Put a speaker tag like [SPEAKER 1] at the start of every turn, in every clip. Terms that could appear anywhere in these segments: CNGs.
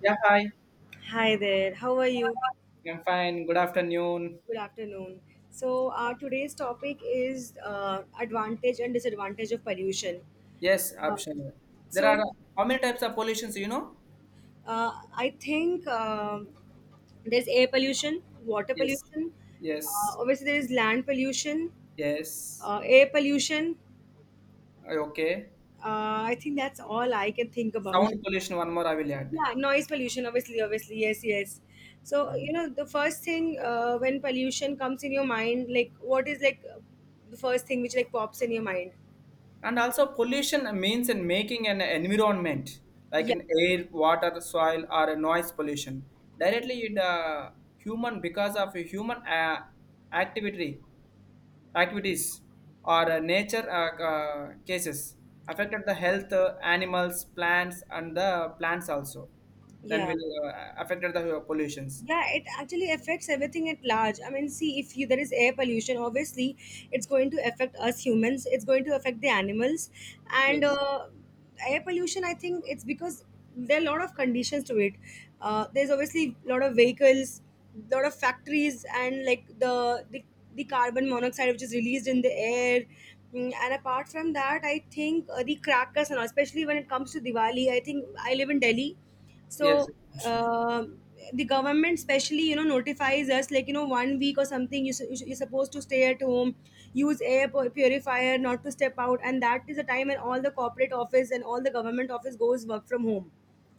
[SPEAKER 1] Yeah, hi.
[SPEAKER 2] Hi there, how are you?
[SPEAKER 1] I'm fine. Good afternoon.
[SPEAKER 2] Good afternoon. So, today's topic is advantage and disadvantage of pollution.
[SPEAKER 1] Yes,
[SPEAKER 2] Um,
[SPEAKER 1] optional. There are
[SPEAKER 2] so,
[SPEAKER 1] how many types of pollutions, you know?
[SPEAKER 2] I think there's air pollution, water
[SPEAKER 1] Yes.
[SPEAKER 2] pollution,
[SPEAKER 1] Yes.
[SPEAKER 2] obviously, there is land pollution,
[SPEAKER 1] Yes.
[SPEAKER 2] air pollution.
[SPEAKER 1] Okay.
[SPEAKER 2] I think that's all I can think about.
[SPEAKER 1] Sound pollution, one more I will add.
[SPEAKER 2] Yeah, noise pollution, obviously. Yes, yes. So,
[SPEAKER 1] Um,
[SPEAKER 2] the first thing, when pollution comes in your mind, like, what is, like, the first thing which, like, pops in your mind.
[SPEAKER 1] and also pollution means in making an environment like
[SPEAKER 2] Yeah,
[SPEAKER 1] an air, water, soil, or a noise pollution directly in the human because of a human activity activities or nature cases affected the health animals plants and the plants also then
[SPEAKER 2] yeah,
[SPEAKER 1] will affected the pollutions.
[SPEAKER 2] yeah, it actually affects everything at large. I mean, see, if you, there is air pollution, obviously it's going to affect us humans, it's going to affect the animals. and
[SPEAKER 1] Yes,
[SPEAKER 2] uh, air pollution, I think it's because there are a lot of conditions to it. There's obviously a lot of vehicles, lot of factories, and like the carbon monoxide which is released in the air. And apart from that, I think the crackers and all, especially when it comes to Diwali. I think I live in Delhi,
[SPEAKER 1] yes,
[SPEAKER 2] so
[SPEAKER 1] sure.
[SPEAKER 2] um the government specially, notifies us, like, 1 week or something. You're supposed to stay at home, use air purifier, not to step out, and that is the time when all the corporate office and all the government office goes work from home.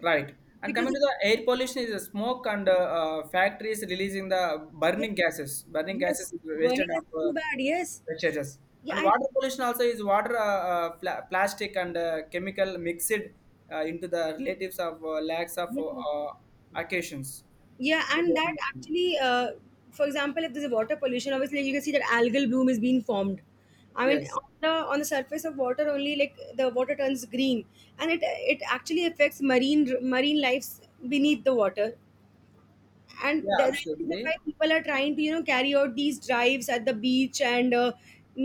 [SPEAKER 1] Right. And
[SPEAKER 2] because
[SPEAKER 1] coming
[SPEAKER 2] it,
[SPEAKER 1] to the air pollution is the smoke and factories releasing the
[SPEAKER 2] yes,
[SPEAKER 1] burning gases. Burning gases
[SPEAKER 2] yes,
[SPEAKER 1] is
[SPEAKER 2] burning
[SPEAKER 1] wasted
[SPEAKER 2] is
[SPEAKER 1] of
[SPEAKER 2] too bad. Yes.
[SPEAKER 1] wastages.
[SPEAKER 2] Yeah,
[SPEAKER 1] And water pollution also is water, plastic and chemical mixed into the relatives of lacks of
[SPEAKER 2] yeah.
[SPEAKER 1] occasions.
[SPEAKER 2] Yeah, and that actually, for example, if there's a water pollution, obviously, like, you can see that algal bloom is being formed. I mean,
[SPEAKER 1] Yes.
[SPEAKER 2] on the surface of water only, like, the water turns green, and it actually affects marine lives beneath the water. And
[SPEAKER 1] Yeah,
[SPEAKER 2] that's the reason
[SPEAKER 1] absolutely.
[SPEAKER 2] why people are trying to carry out these drives at the beach and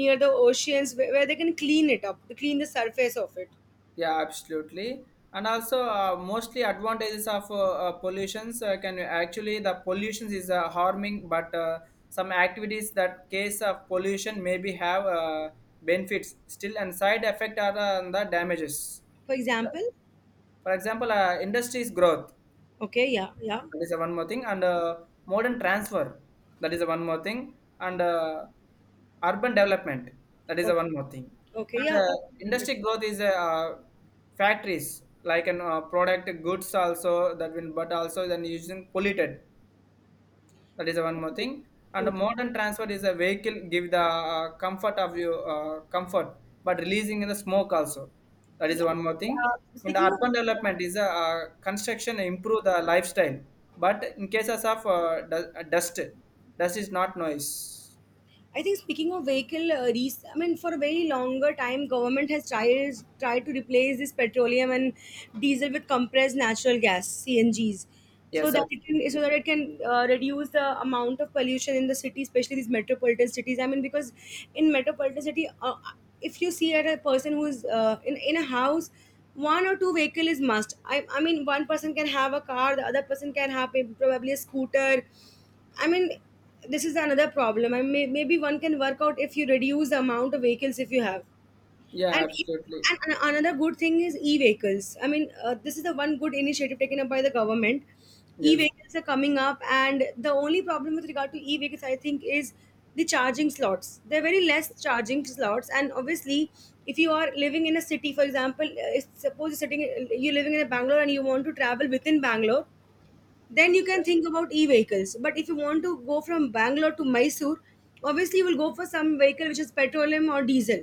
[SPEAKER 2] near the oceans, where they can clean it up, clean the surface of it.
[SPEAKER 1] Yeah, absolutely. And also, mostly advantages of pollutions can actually the pollutions is harming, but some activities that case of pollution maybe have benefits still, and side effect are the damages.
[SPEAKER 2] For example,
[SPEAKER 1] For example, industries growth,
[SPEAKER 2] okay, yeah, yeah,
[SPEAKER 1] that is the one more thing. And Modern transfer, that is the one more thing. And Urban development, that is the
[SPEAKER 2] okay,
[SPEAKER 1] one more thing.
[SPEAKER 2] okay,
[SPEAKER 1] And
[SPEAKER 2] yeah, oh, totally,
[SPEAKER 1] Industry growth is factories like an product goods also that will, but also then using polluted. That is one more thing. And the
[SPEAKER 2] totally.
[SPEAKER 1] modern transport is a vehicle give the comfort of you comfort, but releasing the smoke also. That is
[SPEAKER 2] Yeah.
[SPEAKER 1] one more thing.
[SPEAKER 2] Uh,
[SPEAKER 1] And
[SPEAKER 2] speaking of
[SPEAKER 1] urban
[SPEAKER 2] vehicle,
[SPEAKER 1] development is a construction improve the lifestyle, but in cases of dust, dust is not noise.
[SPEAKER 2] I think speaking of vehicle, I mean, for a very longer time, government has tried to replace this petroleum and diesel with compressed natural gas (CNGs), so
[SPEAKER 1] Yes,
[SPEAKER 2] that it can
[SPEAKER 1] absolutely.
[SPEAKER 2] so that it can uh, reduce the amount of pollution in the city, especially these metropolitan cities. I mean, because in metropolitan city, if you see at a person who's in a house. One or two vehicle is must. I mean, one person can have a car, the other person can have probably a scooter. I mean, this is another problem. Maybe one can work out if you reduce the amount of vehicles if you have.
[SPEAKER 1] Yeah,
[SPEAKER 2] And it,
[SPEAKER 1] absolutely.
[SPEAKER 2] and an- another good thing is e-vehicles. I mean, this is the one good initiative taken up by the government.
[SPEAKER 1] Yes,
[SPEAKER 2] E-vehicles are coming up, and the only problem with regard to e-vehicles, I think, is the charging slots. There are very less charging slots, and obviously, if you are living in a city, for example, suppose you're living in a Bangalore, and you want to travel within Bangalore, then you can think about e-vehicles. But if you want to go from Bangalore to Mysore, obviously you will go for some vehicle which is petroleum or diesel.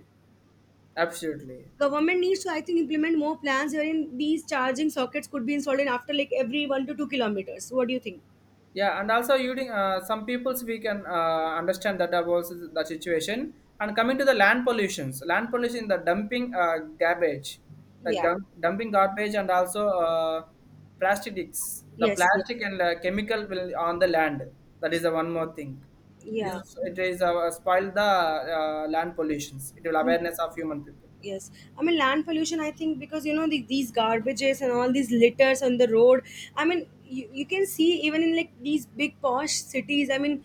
[SPEAKER 1] absolutely.
[SPEAKER 2] Government needs to, I think, implement more plans wherein these charging sockets could be installed in after, like, every 1 to 2 kilometers. What do you think?
[SPEAKER 1] Yeah, and also using some peoples we can understand that about the situation. And coming to the land pollutions, land pollution, the dumping garbage, the
[SPEAKER 2] Yeah,
[SPEAKER 1] dumping garbage, and also plastics, the
[SPEAKER 2] yes, yes,
[SPEAKER 1] plastic and chemical will on the land. That is the one more thing. It is
[SPEAKER 2] yeah,
[SPEAKER 1] it is spoil the land pollutions. It will
[SPEAKER 2] yes,
[SPEAKER 1] awareness of human people.
[SPEAKER 2] yes. I mean, land pollution, I think, because these garbages and all these litters on the road. I mean, you can see even in like these big posh cities. I mean,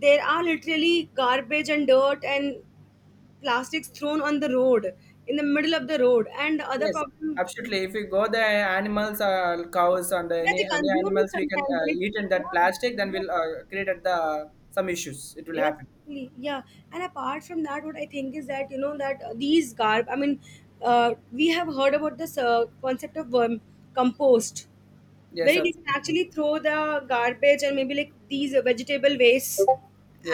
[SPEAKER 2] there are literally garbage and dirt and plastics thrown on the road, in the middle of the road, and other
[SPEAKER 1] Yes,
[SPEAKER 2] problem.
[SPEAKER 1] absolutely. If you go the animals, cows, and
[SPEAKER 2] Yeah,
[SPEAKER 1] any
[SPEAKER 2] they
[SPEAKER 1] any
[SPEAKER 2] consume it
[SPEAKER 1] animals we can
[SPEAKER 2] sometimes, and it.
[SPEAKER 1] eat in that plastic, then
[SPEAKER 2] Yeah,
[SPEAKER 1] we'll create at the some issues. It will
[SPEAKER 2] yes,
[SPEAKER 1] happen.
[SPEAKER 2] yes, yeah. And apart from that, what I think is that that these garb. I mean, we have heard about this concept of compost,
[SPEAKER 1] Yes,
[SPEAKER 2] where you can
[SPEAKER 1] absolutely.
[SPEAKER 2] actually throw the garbage, and maybe like these vegetable waste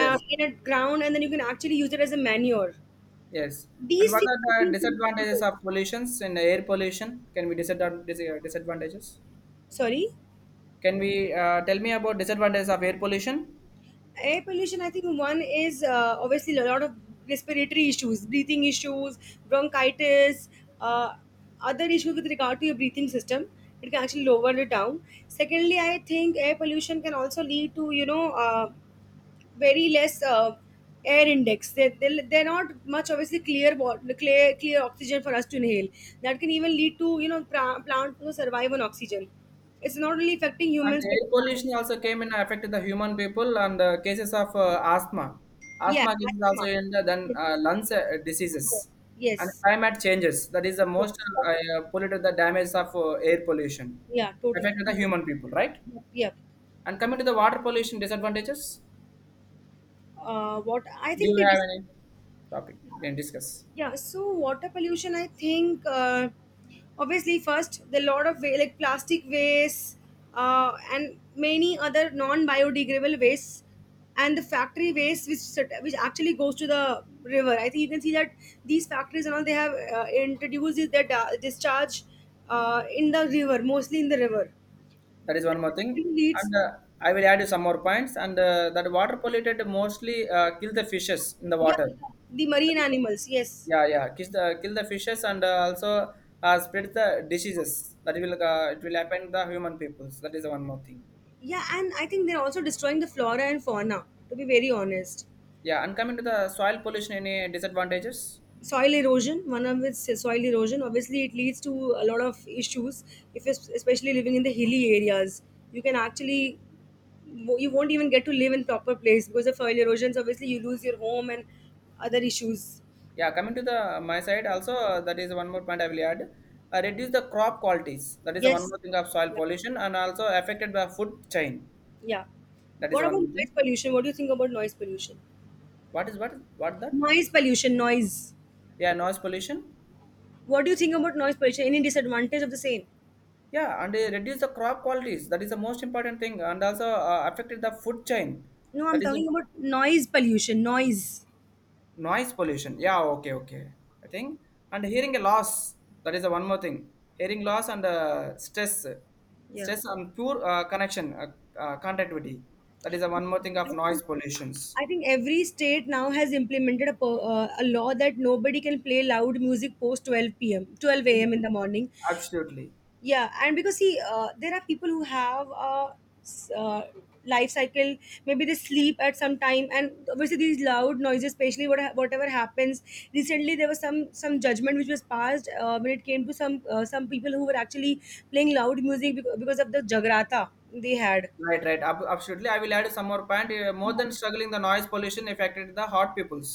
[SPEAKER 2] in a ground, and then you can actually use it as a manure.
[SPEAKER 1] yes. And
[SPEAKER 2] These
[SPEAKER 1] what
[SPEAKER 2] things should
[SPEAKER 1] are
[SPEAKER 2] be
[SPEAKER 1] the
[SPEAKER 2] implemented
[SPEAKER 1] disadvantages
[SPEAKER 2] more.
[SPEAKER 1] of pollutions in air pollution? Can we disadvantages?
[SPEAKER 2] Sorry.
[SPEAKER 1] Can we tell me about disadvantages of air pollution?
[SPEAKER 2] Air pollution, I think one is, obviously, a lot of respiratory issues, breathing issues, bronchitis, uh, other issues with regard to your breathing system. It can actually lower it down. Secondly, I think air pollution can also lead to, very less, air index. They're not much obviously clear, clear oxygen for us to inhale. That can even lead to, plant to survive on oxygen. It's not only affecting
[SPEAKER 1] And
[SPEAKER 2] humans but the
[SPEAKER 1] air
[SPEAKER 2] plants.
[SPEAKER 1] pollution also came and affected the human people and cases of asthma.
[SPEAKER 2] Yeah,
[SPEAKER 1] Asthma cases also
[SPEAKER 2] Maxima.
[SPEAKER 1] in the, then
[SPEAKER 2] Yes,
[SPEAKER 1] lungs
[SPEAKER 2] yes,
[SPEAKER 1] diseases and
[SPEAKER 2] yes,
[SPEAKER 1] climate changes. That is the
[SPEAKER 2] yes.
[SPEAKER 1] most polluted the damage of air pollution
[SPEAKER 2] Yeah, totally.
[SPEAKER 1] affected the human people, right?
[SPEAKER 2] Yep, yep.
[SPEAKER 1] And coming to the water pollution disadvantages,
[SPEAKER 2] What I
[SPEAKER 1] do
[SPEAKER 2] think,
[SPEAKER 1] you
[SPEAKER 2] we
[SPEAKER 1] have
[SPEAKER 2] dis-.
[SPEAKER 1] any topic you can discuss?
[SPEAKER 2] Yeah, so water pollution, I think, obviously, first, the lot of like plastic waste, and many other non biodegradable wastes, and the factory waste which which actually goes to the river. I think you can see that these factories and all, they have introduced is their discharge in the river, mostly in the river.
[SPEAKER 1] That is
[SPEAKER 2] That
[SPEAKER 1] one more thing.
[SPEAKER 2] actually
[SPEAKER 1] And
[SPEAKER 2] leads,
[SPEAKER 1] I will add you some more points. And That water polluted mostly kill the fishes in the
[SPEAKER 2] yeah,
[SPEAKER 1] water.
[SPEAKER 2] the marine animals, yes.
[SPEAKER 1] Yeah, yeah. Kill the fishes and also spread the diseases that will it will happen the human peoples. That is the one more thing.
[SPEAKER 2] Yeah, and I think they're also destroying the flora and fauna, to be very honest.
[SPEAKER 1] Yeah, and coming to the soil pollution, any disadvantages?
[SPEAKER 2] soil erosion one of its soil erosion, obviously, it leads to a lot of issues. If it's especially living in the hilly areas, you can actually you won't even get to live in proper place because of soil erosions. Obviously, you lose your home and other issues.
[SPEAKER 1] Yeah, coming to the my side also that is one more point I will add. Reduce the crop qualities. That is the one
[SPEAKER 2] Yes,
[SPEAKER 1] more thing of soil
[SPEAKER 2] yeah,
[SPEAKER 1] pollution and also affected by food chain.
[SPEAKER 2] yeah.
[SPEAKER 1] That is
[SPEAKER 2] What
[SPEAKER 1] the
[SPEAKER 2] about
[SPEAKER 1] one more
[SPEAKER 2] noise
[SPEAKER 1] thing.
[SPEAKER 2] pollution? What do you think about noise pollution?
[SPEAKER 1] What is what that?
[SPEAKER 2] Noise pollution. Noise.
[SPEAKER 1] Yeah, noise pollution.
[SPEAKER 2] What do you think about noise pollution? Any disadvantage of the same?
[SPEAKER 1] Yeah, and reduce the crop qualities. That is the most important thing, and also affected the food chain.
[SPEAKER 2] No, I'm
[SPEAKER 1] That is the
[SPEAKER 2] talking about noise pollution. Noise.
[SPEAKER 1] noise pollution, yeah, okay, okay, I think and hearing loss, that is the one more thing. Hearing loss and stress, stress and poor connection connectivity, that is the one more thing of
[SPEAKER 2] Yeah,
[SPEAKER 1] noise pollutions.
[SPEAKER 2] I think every state now has implemented a law that nobody can play loud music post 12 p.m. 12 a.m. in the morning.
[SPEAKER 1] Absolutely.
[SPEAKER 2] Yeah, and because, see, there are people who have a s- uh, life cycle. Maybe they sleep at some time, and obviously these loud noises, especially whatever happens. Recently, there was some judgment which was passed, when it came to some people who were actually playing loud music because of the jagrata they had.
[SPEAKER 1] Right, right. Absolutely I will add some more point more
[SPEAKER 2] Yeah.
[SPEAKER 1] than struggling the noise pollution affected the heart peoples,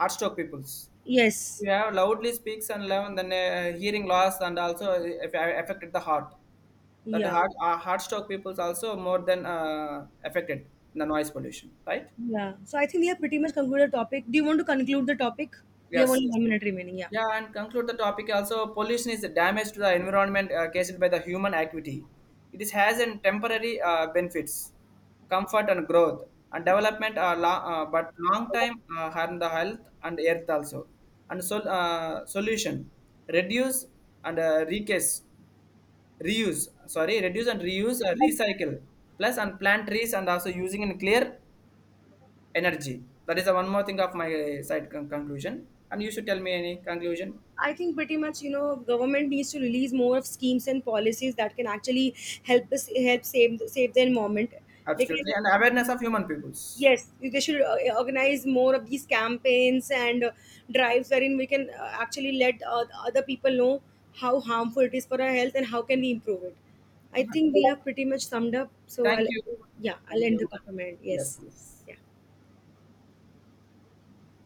[SPEAKER 1] heart stroke peoples.
[SPEAKER 2] Yes.
[SPEAKER 1] You have loudly speaks and loud, and then hearing loss and also affected the heart, that
[SPEAKER 2] Yeah.
[SPEAKER 1] hard stock people's also more than affected in the noise pollution, right?
[SPEAKER 2] Yeah. So I think we have pretty much concluded the topic. Do you want to conclude the topic? We have
[SPEAKER 1] Yes,
[SPEAKER 2] only
[SPEAKER 1] yes.
[SPEAKER 2] 1 minute remaining. Yeah.
[SPEAKER 1] Yeah, and conclude the topic also pollution is the damage to the environment caused by the human activity. It is has an temporary benefits, comfort and growth and development are long, but long time harm the health and earth also. And so solution, reduce and recase, reuse, sorry, reduce and reuse recycle plus and plant trees and also using in clear energy, that is the one more thing of my side conclusion and you should tell me any conclusion.
[SPEAKER 2] I think, pretty much, government needs to release more of schemes and policies that can actually help us help save the environment. They
[SPEAKER 1] Absolutely.
[SPEAKER 2] can
[SPEAKER 1] And awareness of human peoples.
[SPEAKER 2] Yes, they should organize more of these campaigns and drives wherein we can actually let other people know how harmful it is for our health and how can we improve it. I think we have pretty much summed up. So
[SPEAKER 1] Thank
[SPEAKER 2] I'll
[SPEAKER 1] you.
[SPEAKER 2] yeah I'll
[SPEAKER 1] Thank
[SPEAKER 2] end
[SPEAKER 1] you.
[SPEAKER 2] the comment.
[SPEAKER 1] Yes,
[SPEAKER 2] Yes.
[SPEAKER 1] yes.
[SPEAKER 2] Yeah.